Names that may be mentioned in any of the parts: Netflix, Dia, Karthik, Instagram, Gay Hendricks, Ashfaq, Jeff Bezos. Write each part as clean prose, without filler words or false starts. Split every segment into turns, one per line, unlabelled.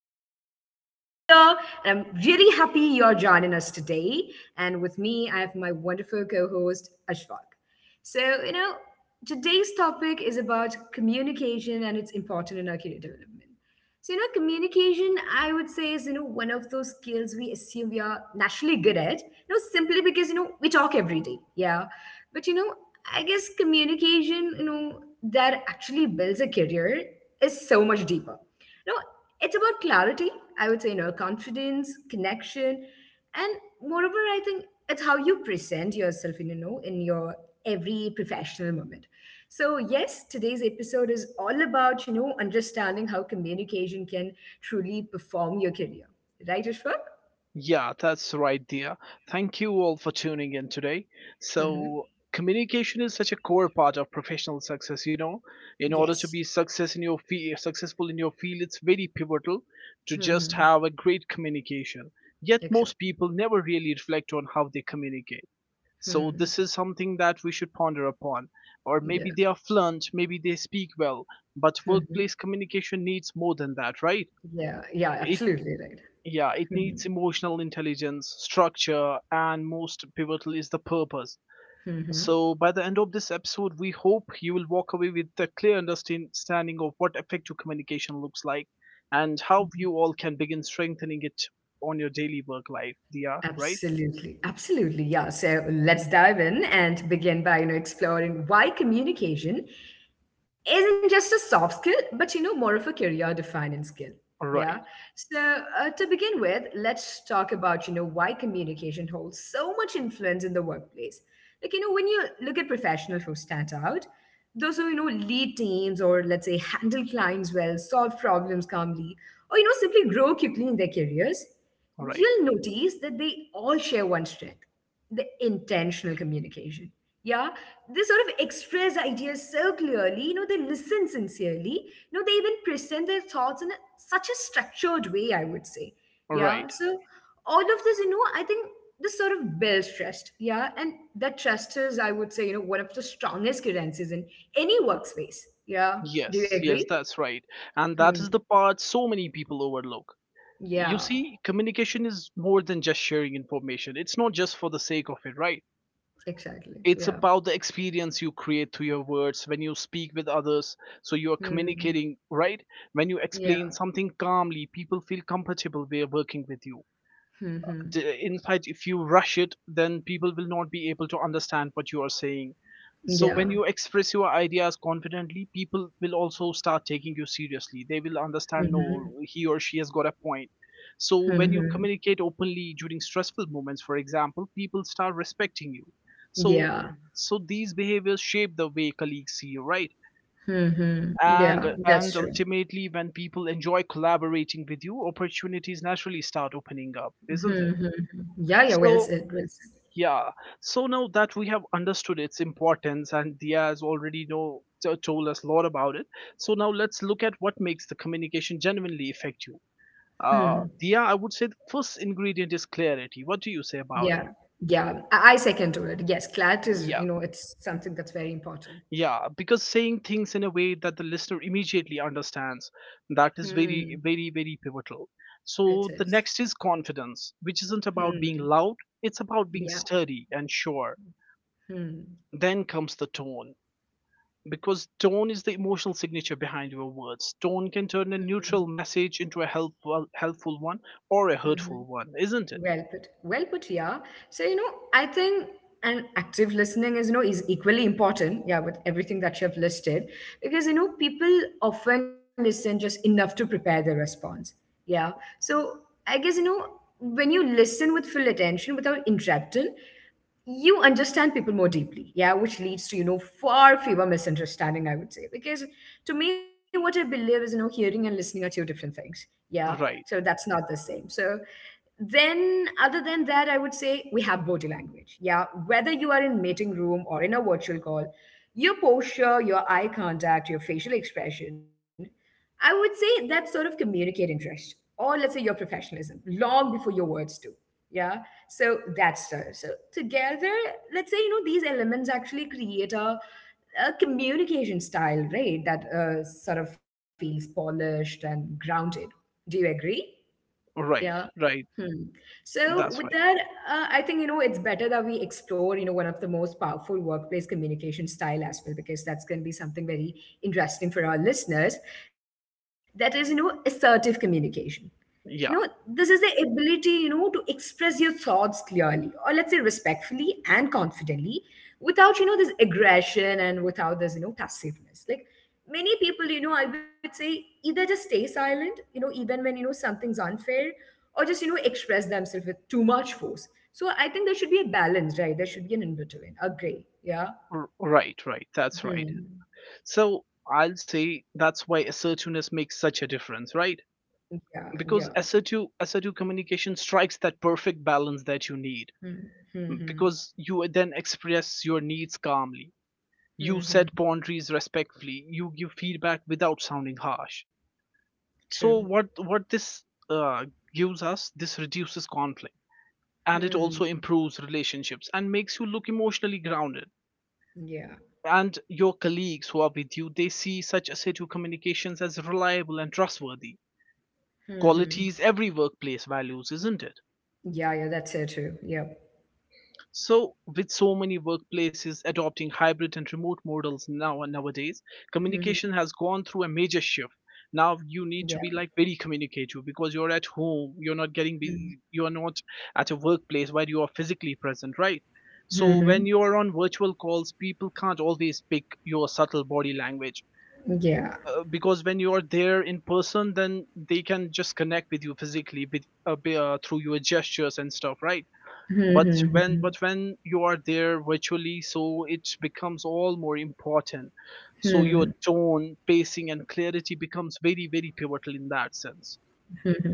I am your host, Dia, and I'm really happy you're joining us today. And with me, I have my wonderful co host, Ashfaq. So, today's topic is about communication and its importance in our career development. So, communication, I would say, is, one of those skills we assume we are naturally good at, simply because, we talk every day. Yeah. But I guess communication, that actually builds a career is so much deeper. You know, it's about clarity, I would say, confidence, connection, and moreover, I think it's how you present yourself in your every professional moment. So yes, today's episode is all about, understanding how communication can truly perform your career. Right, Ashfaq?
Yeah, that's right, dear. Thank you all for tuning in today.
Mm-hmm.
So, communication is such a core part of professional success. In order to
Yes.
be success in your successful in your field, it's very pivotal to just
Mm-hmm.
have a great communication. Yet, most
Exactly.
people never really reflect on how they communicate. So,
Hmm.
this is something that we should ponder upon. Or maybe
Yeah.
they are fluent, maybe they speak well, but
Hmm.
workplace communication needs more than that, right?
Yeah, yeah,
It
absolutely right.
Yeah, it
Mhm.
needs emotional intelligence, structure, and most pivotal is the purpose.
Mhm.
So, by the end of this episode, we hope you will walk away with a clear understanding of what effective communication looks like and how you all can begin strengthening it on your daily work life. Yeah, right?
Absolutely, absolutely. Yeah. So let's dive in and begin by, exploring why communication isn't just a soft skill, but more of a career defining skill. Yeah.
Right,
So, to begin with, let's talk about, why communication holds so much influence in the workplace. Like, when you look at professionals who stand out, those who, lead teams or let's say handle clients well, solve problems calmly, or, simply grow quickly in their careers,
right,
you'll notice that they all share one strength, the intentional communication. Yeah, they sort of express ideas so clearly, they listen sincerely, they even present their thoughts in such a structured way, I would say.
right.
Yeah, so all of this, I think this sort of builds trust. Yeah, and that trust is, I would say, one of the strongest currencies in any workspace. Yeah, do you
Yes, yes,
agree?
that's right. And
Hmm.
that is the part so many people overlook. You
Yeah,
see, communication is more than just sharing information, it's not just for the sake of it, right?
exactly.
It's
Yeah.
about the experience you create to your words when you speak with others, so you are
Hmm.
communicating, right? When you explain
Yeah.
something calmly, people feel comfortable they are working with you.
Hmm. Hmm.
In fact, if you rush it, then people will not be able to understand what you are saying. So
Yeah.
when you express your ideas confidently, people will also start taking you seriously. They will understand,
Mhm.
no, he or she has got a point. So when you
Mhm.
communicate openly during stressful moments, for example, people start respecting you. So
Yeah.
so these behaviors shape the way colleagues see you, right?
Mhm. Yeah.
And
That's
and
true.
ultimately, when people enjoy collaborating with you, opportunities naturally start opening up, isn't it?
Mhm. Yeah. Yeah. Well
So
said. Well said.
yeah. So now that we have understood its importance and Dia has already know told us a lot about it. So now let's look at what makes the communication genuinely effective.
Hmm.
Dia, I would say the first ingredient is clarity. What do you say about it?
Yeah. Yeah. I second to it. Yes. Clat is,
Yeah,
it's something that's very important.
yeah, because saying things in a way that the listener immediately understands, that is
Hmm.
very, very, very pivotal.
It
So the
is.
next is confidence, which isn't about being
Hmm.
loud, it's about being
Yeah.
sturdy and sure.
Hmm.
Then comes the tone, because tone is the emotional signature behind your words. Tone can turn a
Mhm.
neutral message into a helpful one, or a
Mhm.
hurtful one, isn't it?
Well put. Well put, yeah. So, I think an active listening is equally important, yeah, with everything that you have listed, because, people often listen just enough to prepare their response. Yeah. So I guess, when you listen with full attention without interrupting, you understand people more deeply. Yeah, which leads to far fewer misunderstanding, I would say, because to me what I believe is, hearing and listening are two different things. Yeah, so
Right,
that's not the same. So then other than that, I would say we have body language. Yeah, whether you are in meeting room or in a virtual call, your posture, your eye contact, your facial expression, I would say that sort of communicate interest, or let's say your professionalism, long before your words do. Yeah. So that's so. So together, let's say these elements actually create a communication style, right? That sort of feels polished and grounded. Do you agree? Yeah?
right, right.
Hmm. So
That's
with
right.
that, I think it's better that we explore one of the most powerful workplace communication style as well, because that's going to be something very interesting for our listeners. That is assertive communication. This
Yeah,
is the ability, to express your thoughts clearly or let's say respectfully and confidently, without this aggression and without this, passiveness. Like many people, I would say, either just stay silent, even when something's unfair, or just express themselves with too much force. So I think there should be a balance, right? There should be an in between. Agree? Yeah.
right, right. That's right.
Hmm.
So I'll say that's why assertiveness makes such a difference, right?
Yeah, yeah.
Because assertive communication strikes that perfect balance that you need.
Hmm. Hmm. Hmm.
Because you then express your needs calmly.
Hmm.
You
Hmm.
set boundaries respectfully. You give feedback without sounding harsh.
True.
So what this uh, gives us, this reduces conflict and it
Hmm.
also improves relationships and makes you look emotionally grounded,
Yeah.
and your colleagues who are with you, they see such assertive communications as reliable and trustworthy
Hmm. Hmm.
qualities every workplace values, isn't it?
Yeah, yeah, that's so true. Yep.
So, with so many workplaces adopting hybrid and remote models now nowadays, communication
Hmm.
has gone through a major shift. Now
Yeah.
you need to be like very communicative because you're at home, you're not getting
Mm-hmm.
busy, you're not at a workplace where you are physically present, right? So when you are on virtual calls, people can't always pick your subtle body language.
Yeah.
Because when you are there in person, then they can just connect with you physically with, through your gestures and stuff, right?
Mm-hmm.
But when you are there virtually, so it becomes all more important. So your
Hmm.
tone, pacing and clarity becomes very, very pivotal in that sense.
Hmm.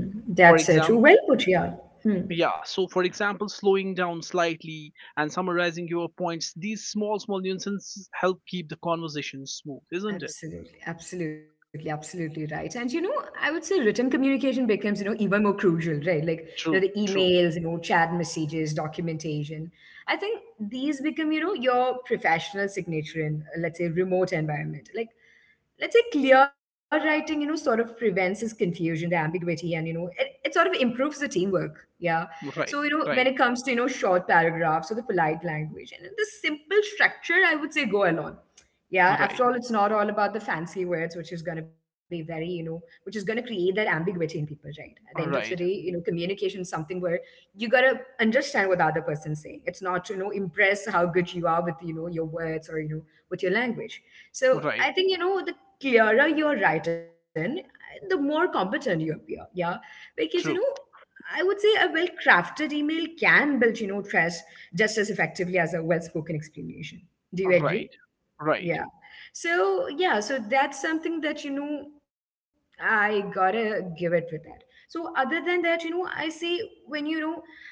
That's
For
so true. Well
example,
put. Yeah. Hmm.
yeah, so for example, slowing down slightly and summarizing your points, these small nuances help keep the conversation smooth, isn't it?
Absolutely, absolutely, absolutely right. And I would say written communication becomes, even more crucial, right? Like, the
True, true.
emails, chat messages, documentation. I think these become, your professional signature in, let's say, remote environment. Like, let's say clear writing, sort of prevents this confusion, the ambiguity, and, it sort of improves the teamwork. Yeah. So,
Right,
you know, when it
right,
comes to, short paragraphs or the polite language and the simple structure, I would say go along. Yeah,
right.
after all, it's not all about the fancy words, which is going to be very, which is going to create that ambiguity in people, right? At the end of the day,
Right,
communication is something where you got to understand what the other person's saying. It's not to, impress how good you are with, your words or, with your language. So
right.
I think, the clearer you're written, the more competent you appear. Yeah. Because,
True.
I would say a well crafted email can build, trust just as effectively as a well spoken explanation. Do you agree?
Right, right.
Yeah. So, yeah, so that's something that, I gotta give it with that. So, other than that, I see when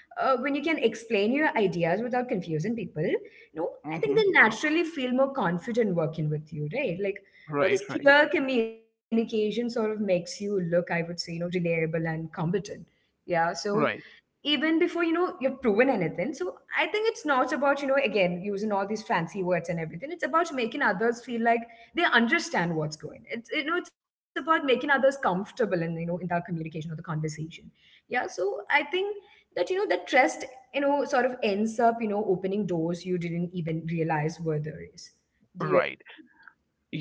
when you can explain your ideas without confusing people, I think
Hmm.
they naturally feel more confident working with you, right? Like,
Right,
this
right,
clear communication sort of makes you look, I would say, reliable and competent. Yeah. So,
right,
even before you've proven anything. So I think it's not about again using all these fancy words and everything. It's about making others feel like they understand what's going. It's you know it's about making others comfortable in in that communication or the conversation. Yeah, so I think that that trust sort of ends up opening doors you didn't even realize were there. Is. Do you.
right.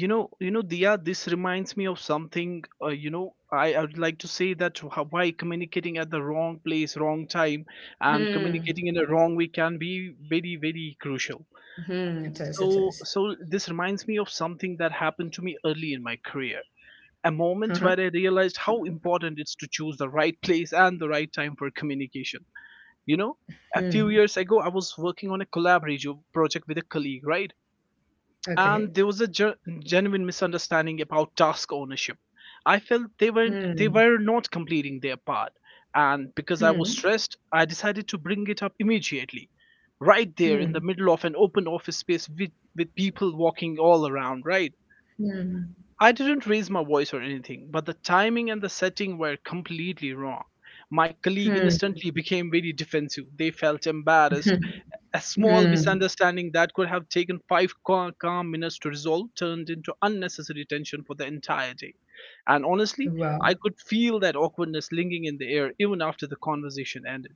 You know, Dia, this reminds me of something. You know, I would like to say that how, why communicating at the wrong place, wrong time, and
Hmm.
communicating in a wrong way can be very, very crucial.
Hmm. It is, it is.
So this reminds me of something that happened to me early in my career, a
Uh-huh.
moment where I realized how important it's to choose the right place and the right time for communication. You know,
Hmm.
a few years ago, I was working on a collaborative project with a colleague, right?
Okay.
And there was a genuine misunderstanding about task ownership. I felt
Hmm.
they were not completing their part, and because
Hmm.
I was stressed, I decided to bring it up immediately, right there
Hmm.
in the middle of an open office space with people walking all around. Right,
Hmm.
I didn't raise my voice or anything, but the timing and the setting were completely wrong. My colleague
Hmm.
instantly became very defensive. They felt embarrassed. A small
Hmm.
misunderstanding that could have taken five calm minutes to resolve turned into unnecessary tension for the entire day. And honestly,
Wow.
I could feel that awkwardness lingering in the air even after the conversation ended.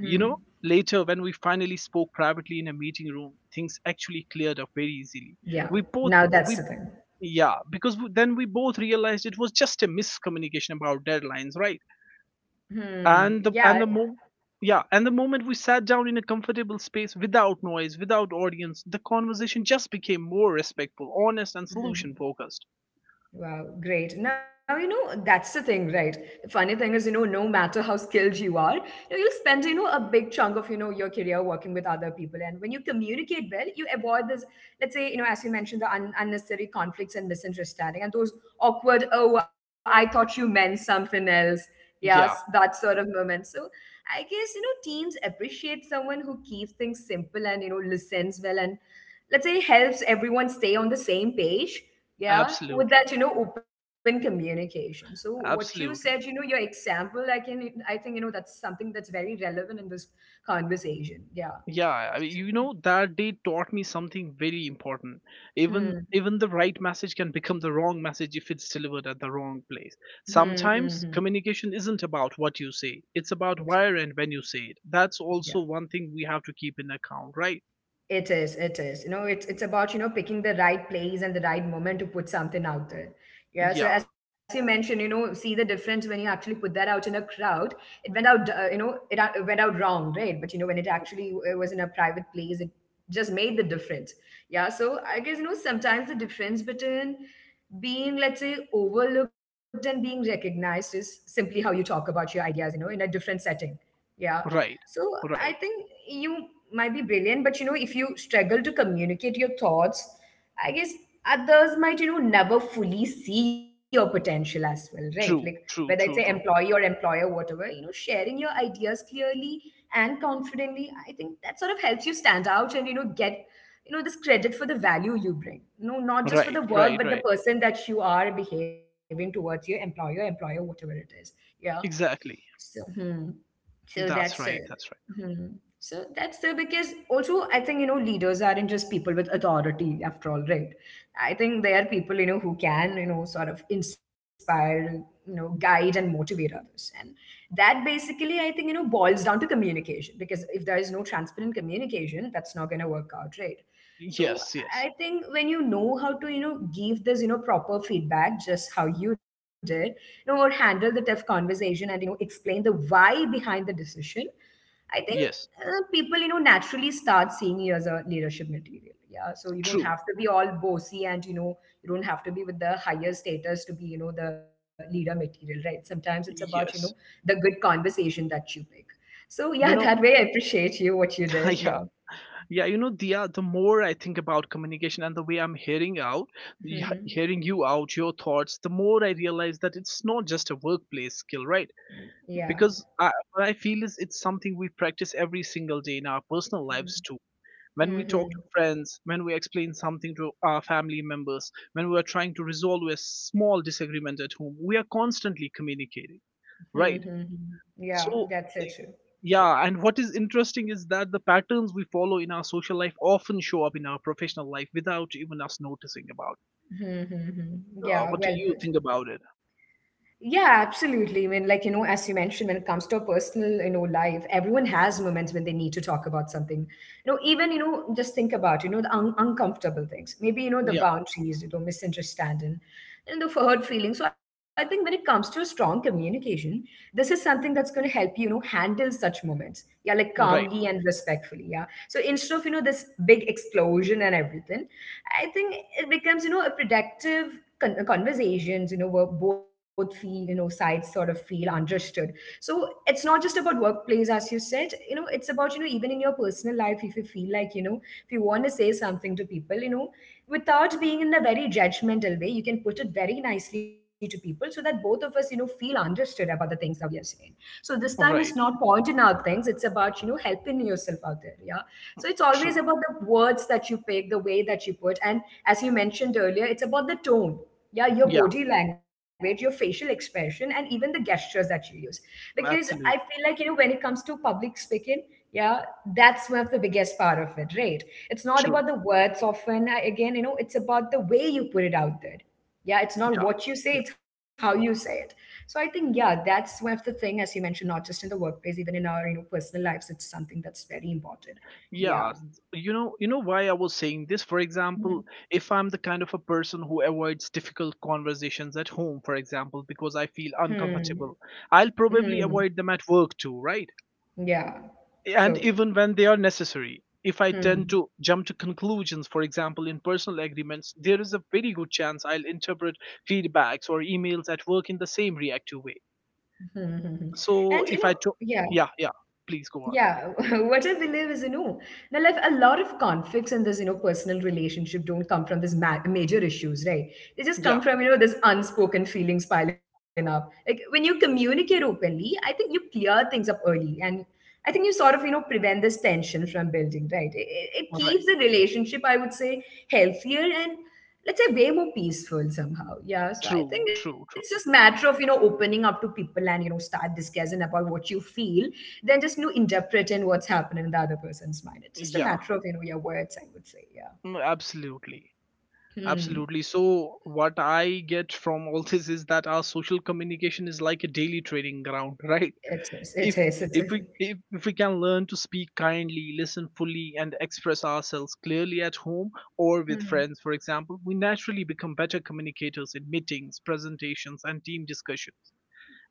You know, later when we finally spoke privately in a meeting room, things actually cleared up very easily. We
Yeah.
both,
Now
we,
that's the thing.
yeah, because then we both realized it was just a miscommunication about deadlines, right? and
Hmm.
the and the
Yeah.
mo- yeah, and the moment we sat down in a comfortable space, without noise, without audience, the conversation just became more respectful, honest and solution
Mhm.
focused.
Wow, great. Now, that's the thing, right? The funny thing is, no matter how skilled you are, you'll spend, a big chunk of, your career working with other people. And when you communicate well, you avoid this, let's say, as you mentioned, the unnecessary conflicts and misunderstanding and those awkward, oh, I thought you meant something else.
Yeah,
Yes, that sort of moment. So I guess, teams appreciate someone who keeps things simple and, listens well and let's say helps everyone stay on the same page. Yeah, with that
absolutely,
open communication. So what you said, your
absolutely.
example, I can, I think, that's something that's very relevant in this conversation. Yeah.
Yeah, I
So,
mean, you know, that day taught me something very important.
hmm,
Even the right message can become the wrong message if it's delivered at the wrong place.
hmm, hmm, hmm.
Sometimes communication isn't about what you say, it's about where
Exactly.
and when you say it. That's also
Yeah.
one thing we have to keep in account, right?
It is, it is. It's about, picking the right place and the right moment to put something out there. Yeah. So
Yeah.
as you mentioned, see the difference when you actually put that out in a crowd. It went out, it went out wrong, right? But when it actually was in a private place, it just made the difference. Yeah. So I guess sometimes the difference between being, let's say, overlooked and being recognized is simply how you talk about your ideas. In a different setting. Yeah.
Right,
So I
right.
think you might be brilliant, but if you struggle to communicate your thoughts, I guess others might, never fully see your potential as well, right? Like
True,
whether it's an
true, true,
employee
true.
or employer, whatever, sharing your ideas clearly and confidently, I think that sort of helps you stand out and, get, this credit for the value you bring. Not just for
Right,
the work,
right,
but the
right.
person that you are behaving towards your employer, whatever it is. Yeah.
Exactly.
So, hmm. So that's
That's
it.
right, that's right.
Hmm. So that's the because also I think leaders aren't just people with authority after all, right? I think they are people who can sort of inspire, guide and motivate others, and that basically I think boils down to communication, because if there is no transparent communication, that's not going to work out, right? So
Yes, yes,
I think when how to, give this, proper feedback, just how you did, or handle the tough conversation and, explain the why behind the decision, I think
yes.
people, naturally start seeing you as a leadership material. Yeah. So you don't
True.
have to be all bossy and, you don't have to be with the higher status to be, the leader material, right? Sometimes it's about
Yes.
the good conversation that you pick. So yeah,
You
that
know,
way I appreciate you, what you did. Yeah.
yeah, yeah, you know, Dia, the more I think about communication and the way I'm hearing out,
Mhm.
hearing you out, your thoughts, the more I realize that it's not just a workplace skill, right?
Yeah.
Because what I feel is it's something we practice every single day in our personal lives too, when
Hmm.
we talk to
hmm
friends, when we explain something to our family members, when we are trying to resolve a small disagreement at home, we are constantly communicating,
Hmm.
right?
hmm Yeah,
So,
that's so
y-
true.
yeah, and what is interesting is that the patterns we follow in our social life often show up in our professional life without even us noticing about.
Hmm. hmm hmm.
It.
Yeah,
What do
well
you
put.
think about it?
Yeah, absolutely. I mean, as you mentioned, when it comes to a personal, life, everyone has moments when they need to talk about something. Even, just think about, the uncomfortable things. Maybe, the
Yeah,
boundaries, misunderstanding and the hurt feelings. So I think when it comes to strong communication, this is something that's going to help you, handle such moments. Yeah, like
right,
calmly and respectfully. Yeah. So instead of, this big explosion and everything, I think it becomes, a productive conversations where both feel sides sort of feel understood, so it's not just about workplace, as you said, it's about, even in your personal life, if you feel like, if you want to say something to people, without being in a very judgmental way, you can put it very nicely to people so that both of us, feel understood about the things that we are saying. So this time is
right,
not pointing out things, it's about, helping yourself out there. Yeah. So it's always
true.
about the words that you pick, the way that you put, and as you mentioned earlier, it's about the tone. Yeah, your
Yeah,
body language, your facial expression, and even the gestures that you use. Because I feel
absolutely
like, when it comes to public speaking, yeah, that's one of the biggest part of it, right? It's not about
true.
the words often. Again, it's about the way you put it out there. Yeah,
Yeah.
it's not what you say, it's how you say it. So I think, yeah, that's one of the thing, as you mentioned, not just in the workplace, even in our, personal lives, it's something that's very important. Yeah.
Yeah, you know, why I was saying this. For
hmm
example, if I'm the kind of a person who avoids difficult conversations at home, for example, because I feel
hmm,
uncomfortable, I'll probably
hmm.
avoid them at work too, right?
yeah
And
so
even when they are necessary. If I tend
hmm
to jump to conclusions, for example, in personal agreements, there is a very good chance I'll interpret feedbacks or emails at work in the same reactive way.
Hmm, hmm, hmm. And
So if I to
yeah,
Yeah, yeah, please go on.
yeah, what I believe is, now, like, a lot of conflicts in this, personal relationship, don't come from this major issues, right? They just
Yeah,
come from, this unspoken feelings piling up. Like, when you communicate openly, I think you clear things up early, and I think you sort of, prevent this tension from building, right? It
right.
keeps the relationship, I would say, healthier and, let's say, way more peaceful somehow. Yeah, so
True,
I think
true,
it's
true.
just matter of, opening up to people and, start discussing about what you feel, than just, interpreting what's happening in the other person's mind.
Yeah.
It's just a matter of, your words, I would say.
Mm,
Yeah.
absolutely. Absolutely.
Hmm.
So, what I get from all this is that our social communication is like a daily training ground, right?
It
If
is. It is. It is.
if we can learn to speak kindly, listen fully, and express ourselves clearly at home or with friends, for
Hmm.
example, we naturally become better communicators in meetings, presentations, and team discussions.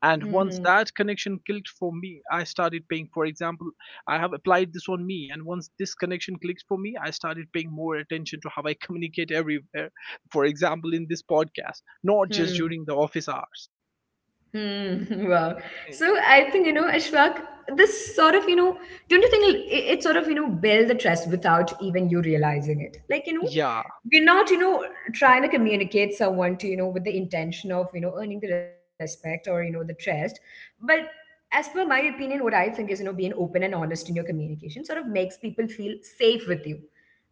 And
Hmm.
once
Hmm.
that connection clicked for me, I started paying, for example, I have applied this on me, and once this connection clicks for me, I started paying more attention to how I communicate everywhere, for example in this podcast, not just during the
Hmm.
office hours.
Hmm, wow.
Eh,
So I think, Ashfaq, this sort of, don't you think it, it sort of, build the trust without even you realizing it? Like,
yeah.
we're not, trying to communicate someone to, with the intention of, earning the respect or, the trust. But, as per my opinion, what I think is, being open and honest in your communication sort of makes people feel safe with you.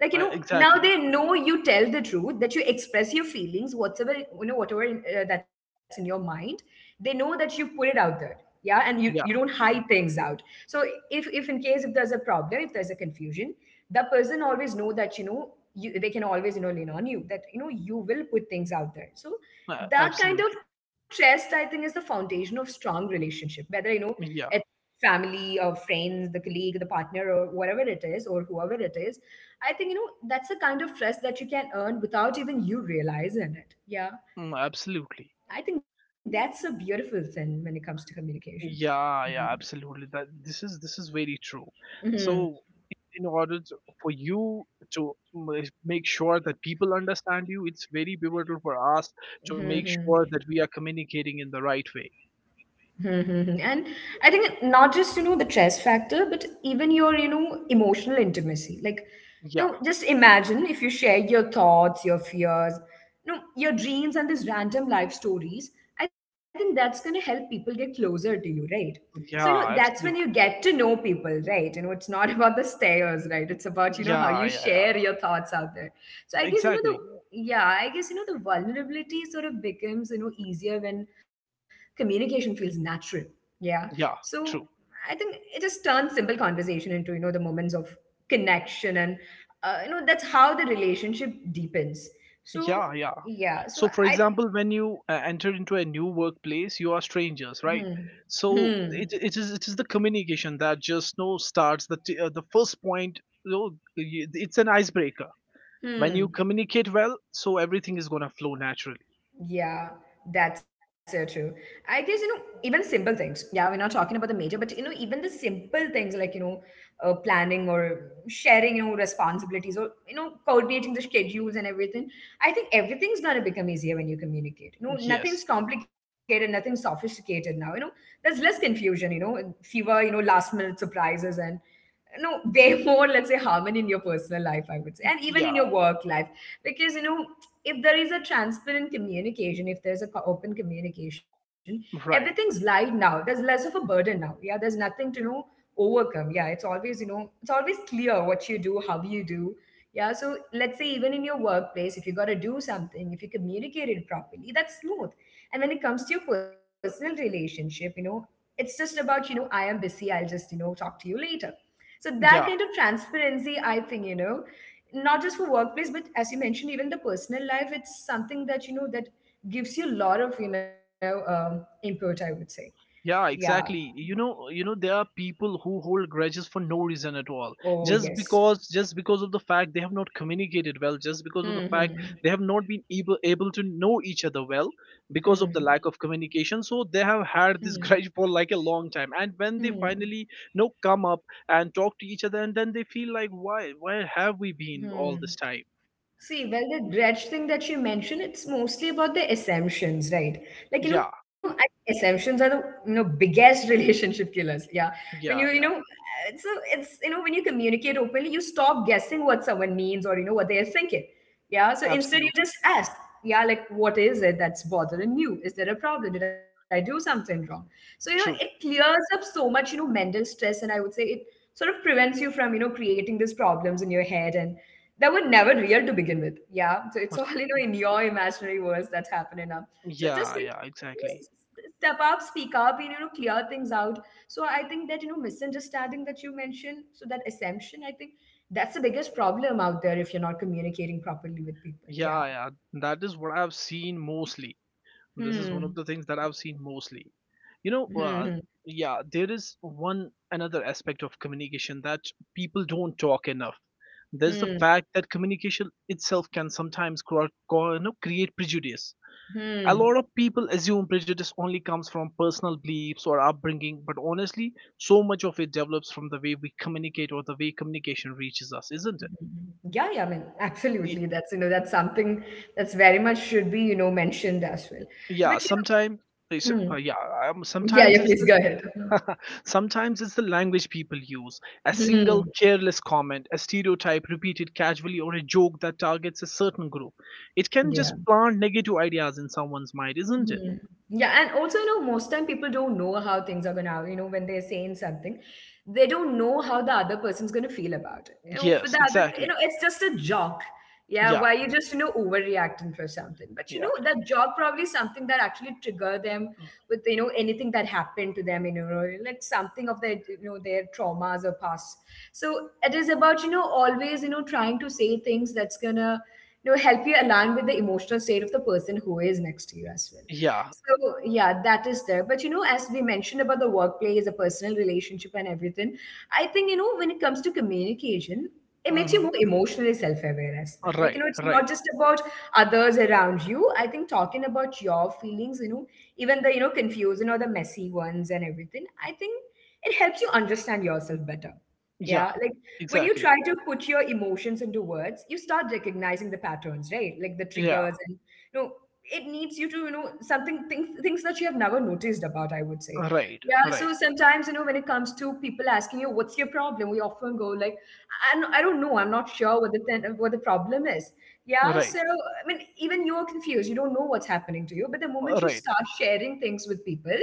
Like, now
Exactly.
they know you tell the truth, that you express your feelings, whatever, whatever that's in your mind, they know that you put it out there. Yeah, and you don't
Yeah.
hide things out. So if in case, if there's a problem, if there's a confusion, the person always know that, you, they can always, lean on you, that, you will put things out there. So that kind of
Absolutely.
trust, I think, is the foundation of strong relationship, whether, it
Yeah.
family or friends, the colleague, the partner, or whatever it is, or whoever it is. I think, that's the kind of trust that you can earn without even you realizing it. Yeah.
Mm, absolutely.
I think that's a beautiful thing when it comes to communication.
Yeah,
Yeah.
yeah, absolutely. That This is very true. So in order to, for you to ma- make sure that people understand you, it's very pivotal for us to
hmm
make sure
hmm
that we are communicating in the right way.
Mm-hmm. And I think not just, the stress factor, but even your, emotional intimacy. Like,
Yeah,
just imagine if you share your thoughts, your fears, your dreams and these random life stories. I think that's going to help people get closer to you, right? So,
yeah,
that's when you
absolutely.
get to know people, right? You know it's not about the stairs, right? It's about, how
Yeah,
you
yeah, yeah,
share your thoughts out there. So I guess,
exactly.
yeah, I guess, the vulnerability sort of becomes, easier when communication feels natural. Yeah.
Yeah,
So
true.
I think it just turns simple conversation into, the moments of connection, and that's how the relationship deepens. so
Yeah, yeah.
yeah so
So for
i
example, when you enter into a new workplace, you are strangers,
hmm
right?
hmm
It is, it is the communication that just, you know, starts the first point. You know, it's an icebreaker. When you
hmm
communicate well, so everything is going to flow naturally.
Yeah, that's so true. I guess, even simple things. Yeah, we're not talking about the major, but, even the simple things like, planning or sharing, responsibilities, or, coordinating the schedules and everything. I think everything's going to become easier when you communicate. You know, nothing's
Yes.
complicated, nothing's sophisticated now. You know, there's less confusion, fewer, last minute surprises, and no way more, let's say, harmony in your personal life, I would say, and even
Yeah,
in your work life. Because, if there is a transparent communication, if there's a open communication,
right.
everything's light now, there's less of a burden now. Yeah, there's nothing to know overcome. Yeah, it's always, it's always clear what you do, how you do. Yeah, so let's say even in your workplace, if you got to do something, if you communicate it properly, that's smooth. And when it comes to your personal relationship, it's just about, I am busy, I'll just, talk to you later. So that kind
Yeah,
of transparency, I think, not just for workplace, but as you mentioned, even the personal life, it's something that, that gives you a lot of, input, I would say.
yeah,
Yeah.
exactly. You know, there are people who hold grudges for no reason at all,
Oh,
just
yes.
because, of the fact they have not communicated well, just because of
Hmm.
the fact
Hmm.
they have not been able to know each other well, because of the
Hmm.
lack of communication. So they have
Hmm.
had this grudge for like a long time, and when they
Hmm.
finally, you know, Come up and talk to each other, and then they feel like, why, where have we been all
Hmm.
this time?
See, well, the dredge thing that you mentioned, it's mostly about the assumptions, right? Like,
Yeah.
assumptions are the, biggest relationship killers. Yeah. When you,
Yeah, yeah,
so it's, when you communicate openly, you stop guessing what someone means or, what they're thinking. Yeah. So instead, you
absolutely
just ask, yeah, like, what is it that's bothering you? Is there a problem? Did I do something wrong? So, it
true.
clears up so much, mental stress. And I would say it sort of prevents you from, creating these problems in your head, and that were never real to begin with. Yeah. So
Uh,
it's all, in your imaginary worlds that's happening now. So just,
Yeah, exactly.
step up, speak up, and, clear things out. So I think that, misunderstanding that you mentioned, so that assumption, I think that's the biggest problem out there if you're not communicating properly with people. Yeah.
Yeah, yeah, that is what I've seen mostly. This is one of
Hmm.
the things that I've seen mostly. You know,
Hmm.
uh, yeah, there is one another aspect of communication that people don't talk enough. There's the
Hmm.
fact that communication itself can sometimes create prejudice.
Hmm.
A
hmm.
lot of people assume prejudice only comes from personal beliefs or upbringing, but honestly, so much of it develops from the way we communicate or the way communication reaches us, isn't it?
Yeah, yeah, I mean,
Y-
absolutely. That's, that's something that's very much should be, mentioned as well.
yeah,
But, you
sometimes.
know, hmm.
Uh, yeah, um,
yeah,
sometimes
yeah,
it's
please
the,
go ahead.
sometimes it's the language people use. A single
Hmm.
careless comment, a stereotype repeated casually, or a joke that targets a certain group. It can just
Yeah.
plant negative ideas in someone's mind, isn't it?
Mhm. Yeah, and also, most time people don't know how things are gonna, when they're saying something, they don't know how the other person's gonna feel about it. You know, for
Yes,
the other,
exactly.
it's just a joke. Yeah,
Yeah,
why you just, overreacting for something. But,
yeah,
that joke probably is something that actually trigger them with, anything that happened to them, like something of their, their traumas or past. So it is about, always, trying to say things that's gonna, help you align with the emotional state of the person who is next to you as well.
yeah.
So yeah, that is there. But you know, as we mentioned about the workplace, a personal relationship and everything, I think, you know, when it comes to communication, it makes you
Mm-hmm.
more emotionally self-aware as well. Like, you
Right,
know, it's not
right.
just about others around you. I think talking about your feelings, you know, even the, you know, confusing or the messy ones and everything, I think it helps you understand yourself better.
Yeah,
Yeah, like when you try
exactly.
to put your emotions into words, you start recognizing the patterns, right? Like the
Yeah,
triggers and you know it needs you to you know something things that you have never noticed about, I would say.
right,
Yeah,
right,
so sometimes you know when it comes to people asking you what's your problem, we often go like I don't know, I'm not sure what the what the problem is. Yeah,
right,
so I mean even you're confused, you don't know what's happening to you, but the moment you
right,
start sharing things with people,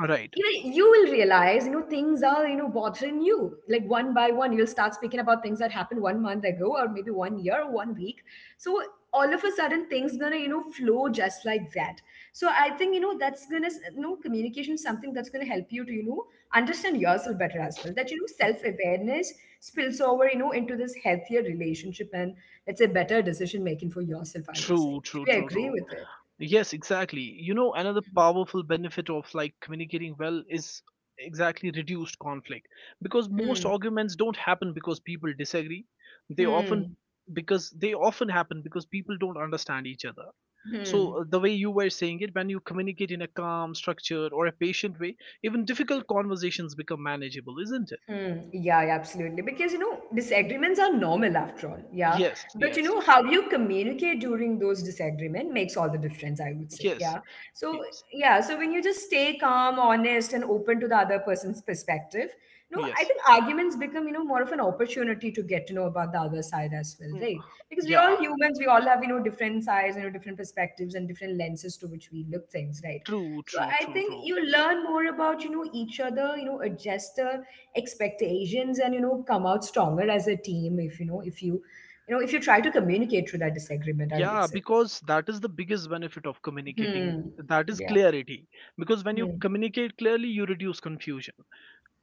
right.
you will realize you know things are you know bothering you, like one by one you'll start speaking about things that happened one month ago or maybe one year or one week. So all of a sudden things gonna you know flow just like that. So I think you know that's gonna you know communication is something that's gonna help you to you know understand yourself better as well, that you know self-awareness spills over you know into this healthier relationship and let's say better decision making for yourself, I would
True,
say.
true,
Do you
true,
agree
true.
with it?
Yes, exactly. You know, another powerful benefit of like communicating well is exactly reduced conflict, because most
Hmm.
arguments don't happen because people disagree. They often
Hmm.
because they often happen because people don't understand each other.
Hmm.
So, the way you were saying it, when you communicate in a calm, structured, or a patient way, even difficult conversations become manageable, isn't it?
Hmm. Yeah, yeah, absolutely. Because, you know, disagreements are normal after all. Yeah.
Yes,
But, you
yes.
know, how you communicate during those disagreement makes all the difference, I would say.
Yes,
Yeah. So,
yes,
yeah. So when you just stay calm, honest, and open to the other person's perspective, you know, I
yes.
think arguments become, you know, more of an opportunity to get to know about the other side as well,
Mm.
right? Because we all
Yeah,
humans, we all have, you know, different sides, you know, different perspectives and different lenses to which we look things, right?
true,
So
true,
I
true,
think
true.
you learn more about, you know, each other, you know, adjust the expectations and you know come out stronger as a team if you know if you you know if you try to communicate through that disagreement, I would
Yeah,
say.
because that is the biggest benefit of communicating.
Hmm.
That is
Yeah.
clarity. Because when you
Hmm.
communicate clearly, you reduce confusion.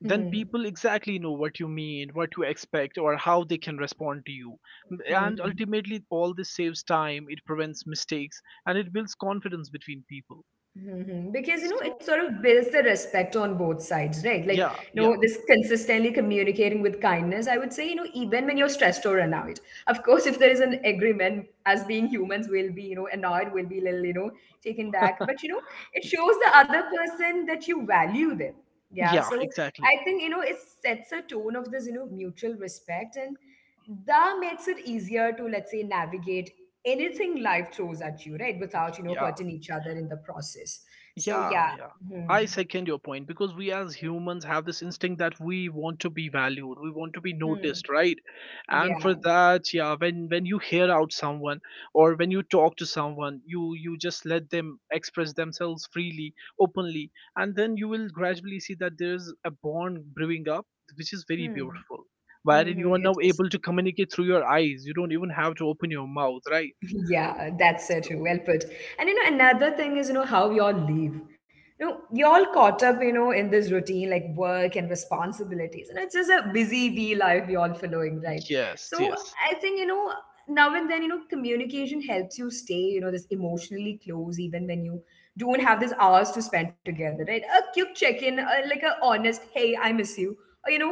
Then people exactly know what you mean, what you expect, or how they can respond to you.
Hmm.
And
Hmm.
ultimately, all this saves time, it prevents mistakes, and it builds confidence between people.
Mhm. Because you know it
So,
sort of builds the respect on both sides, right? Like
yeah,
you
yeah.
know this consistently communicating with kindness. I would say you know even when you're stressed or annoyed. Of course, if there is an agreement, as being humans, we'll be you know annoyed, we'll be little you know taken back. But you know it shows the other person that you value them. Yeah.
Yeah,
So
exactly.
I think you know it sets a tone of this you know mutual respect and that makes it easier to let's say navigate anything life throws at you, right? Without, you know,
Yeah.
hurting each other in the process. So
Yeah,
yeah.
yeah.
Hmm.
I second your point because we as humans have this instinct that we want to be valued, we want to be
Hmm.
noticed, right? And for
Yeah.
that, yeah, when you hear out someone or when you talk to someone, you just let them express themselves freely, openly, and then you will gradually see that there's a bond brewing up, which is very
Hmm.
beautiful. Wherein
Mm-hmm.
you are now able to communicate through your eyes. You don't even have to open your mouth, right?
Yeah, that's so true.
So,
Well put. And you know, another thing is, you know, how we all live. You know, we all caught up, you know, in this routine like work and responsibilities. And it's just a busy bee life we all following, right?
yes,
So
yes.
I think, you know, now and then, you know, communication helps you stay, you know, this emotionally close even when you don't have these hours to spend together, right? A quick check-in, like a honest, hey, I miss you. Or, you know,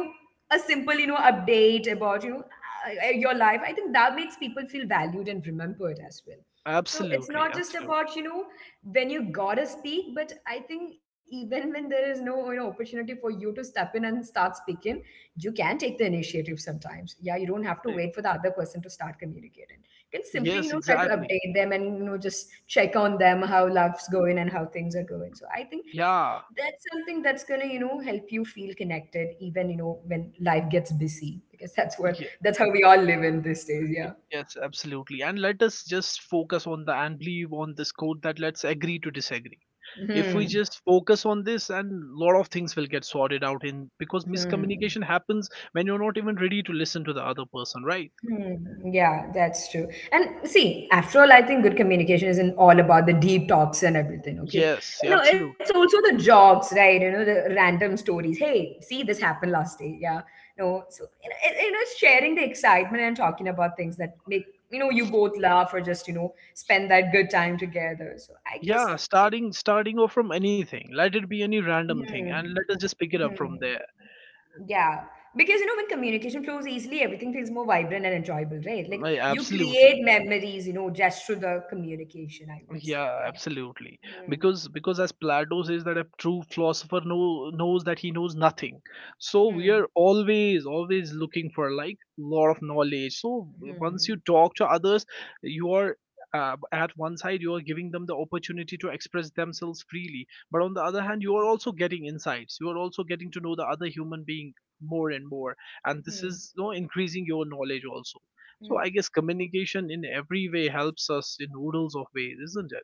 a simple, you know, update about, you know, your life, I think that makes people feel valued and remembered as well. So it's
Absolutely,
not just
absolutely.
about you know when you gotta speak, but I think even when there is no you know opportunity for you to step in and start speaking, you can take the initiative sometimes. Yeah, you don't have to wait for the other person to start communicating, you can
Yes,
simply you know try to
exactly.
update them and you know just check on them how life's going and how things are going. So I think
Yeah.
that's something that's going to you know help you feel connected even you know when life gets busy, because that's what
Ye-
that's how we all live in these days, yeah.
Yes, absolutely. And let us just focus on the and believe on this quote that let's agree to disagree. If we
Hmm.
just focus on this, and lot of things will get sorted out in because
Hmm.
miscommunication happens when you're not even ready to listen to the other person, right?
Hmm. Yeah, that's true. And see, after all, I think good communication isn't all about the deep talks and everything, okay?
Yes, yeah,
You know, it's
absolutely.
also the jokes, right? You know, the random stories. Hey, see, this happened last day. Yeah. No, so, you know, it, you know, it's sharing the excitement and talking about things that make, you know, you both laugh or just, you know, spend that good time together. So I guess,
Yeah, starting off from anything. Let it be any random
hmm,
thing, and let us just pick it
hmm.
up from there.
Yeah, because you know, when communication flows easily, everything feels more vibrant and enjoyable, right? Like
Right,
you
absolutely.
create memories, you know, just through the communication, I would say.
Yeah,
Yeah.
absolutely.
Hmm.
Because as Plato says that a true philosopher know, knows that he knows nothing. So we
Hmm.
are always looking for like lot of knowledge. So once you
Hmm.
talk to others, you are at one side you are giving them the opportunity to express themselves freely, but on the other hand you are also getting insights. You are also getting to know the other human being more and more, and this
Hmm.
is, you know, increasing your knowledge also. So
Hmm.
I guess communication in every way helps us in oodles of ways, isn't it?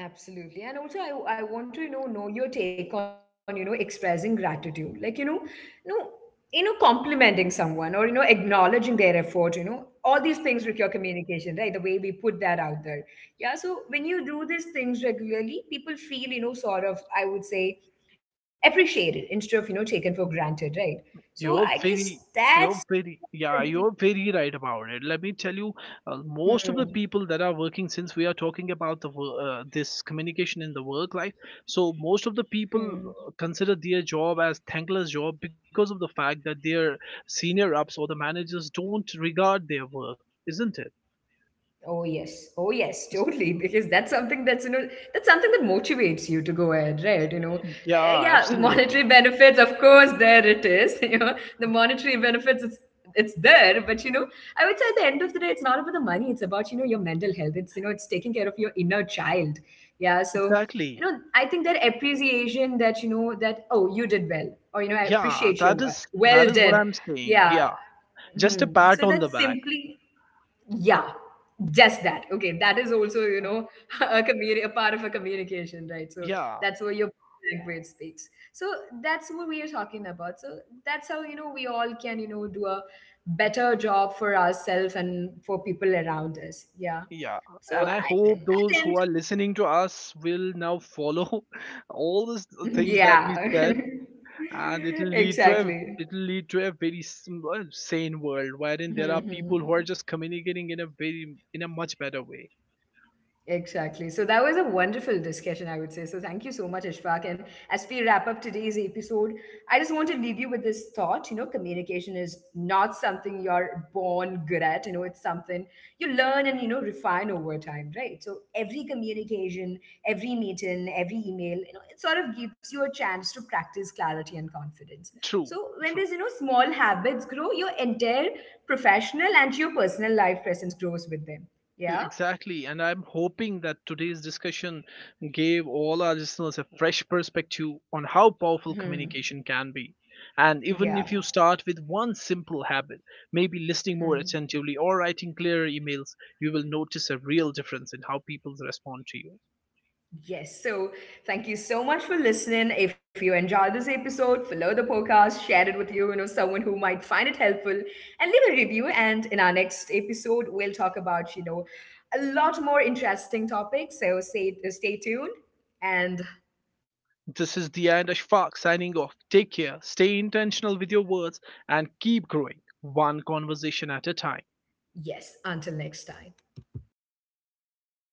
Absolutely. And also I want to, you know your take on, you know, expressing gratitude. Like, you know, you know, you know, complimenting someone or, you know, acknowledging their effort, you know, all these things require communication, right? The way we put that out there. Yeah. So when you do these things regularly, people feel, you know, sort of, I would say, appreciated instead of, you know, taken for granted, right? So
You're
I
very,
guess that's
you're very right about it. Let me tell you, most of the
hmm,
people that are working, since we are talking about the this communication in the work life, so most of the people
hmm.
consider their job as thankless job because of the fact that their senior ups or the managers don't regard their work, isn't it?
Oh yes. Oh yes,
It's-
totally. Because that's something that's you know that's something that motivates you to go ahead, right? You know,
Yeah,
yeah, monetary
absolutely,
benefits, of course, there it is. You know, the monetary benefits, it's there, but you know, I would say at the end of the day, it's not about the money. It's about you know your mental health. It's you know it's taking care of your inner child. Yeah. So you
exactly.
know, I think that appreciation that you know that oh you did well, or you know I
Yeah,
appreciate your work.
that
Well
is what
done.
I'm saying.
Yeah.
Yeah, just a
Mhm.
pat
So
on the
that's
back.
simply yeah, just that. Okay, that is also, you
Oh,
know, a, a part of a communication, right? So
Yeah,
that's where your language speaks. So that's what we are talking about. So that's how, you know, we all can, you know, do a better job for ourselves and for people around us. Yeah.
Yeah,
So
and
I,
I hope
I
those who
think,
are listening to us will now follow all the things that
yeah,
we said, and
exactly.
it'll lead to a very well, sane world wherein there are
Mhm.
people who are just communicating in a very in a much better way.
Exactly. So that was a wonderful discussion, I would say. So thank you so much, Ishfaq. And as we wrap up today's episode, I just want to leave you with this thought. You know, communication is not something you're born good at. You know, it's something you learn and, you know, refine over time, right? So every communication, every meeting, every email, you know, it sort of gives you a chance to practice clarity and confidence.
True,
So when
true.
there's, you know, small habits grow, your entire professional and your personal life presence grows with them. Yeah.
Exactly, and I'm hoping that today's discussion gave all our listeners a fresh perspective on how powerful
Hmm.
communication can be. And even if
Yeah.
you start with one simple habit, maybe listening more
Hmm.
attentively or writing clearer emails, you will notice a real difference in how people respond to you.
Yes. So thank you so much for listening. If you enjoyed this episode, follow the podcast, share it with you, you know, someone who might find it helpful, and leave a review. And in our next episode, we'll talk about, you know, a lot more interesting topics. So stay tuned. And
This is the end. Ashfaq signing off. Take care, stay intentional with your words, and keep growing one conversation at a time.
yes, until next time.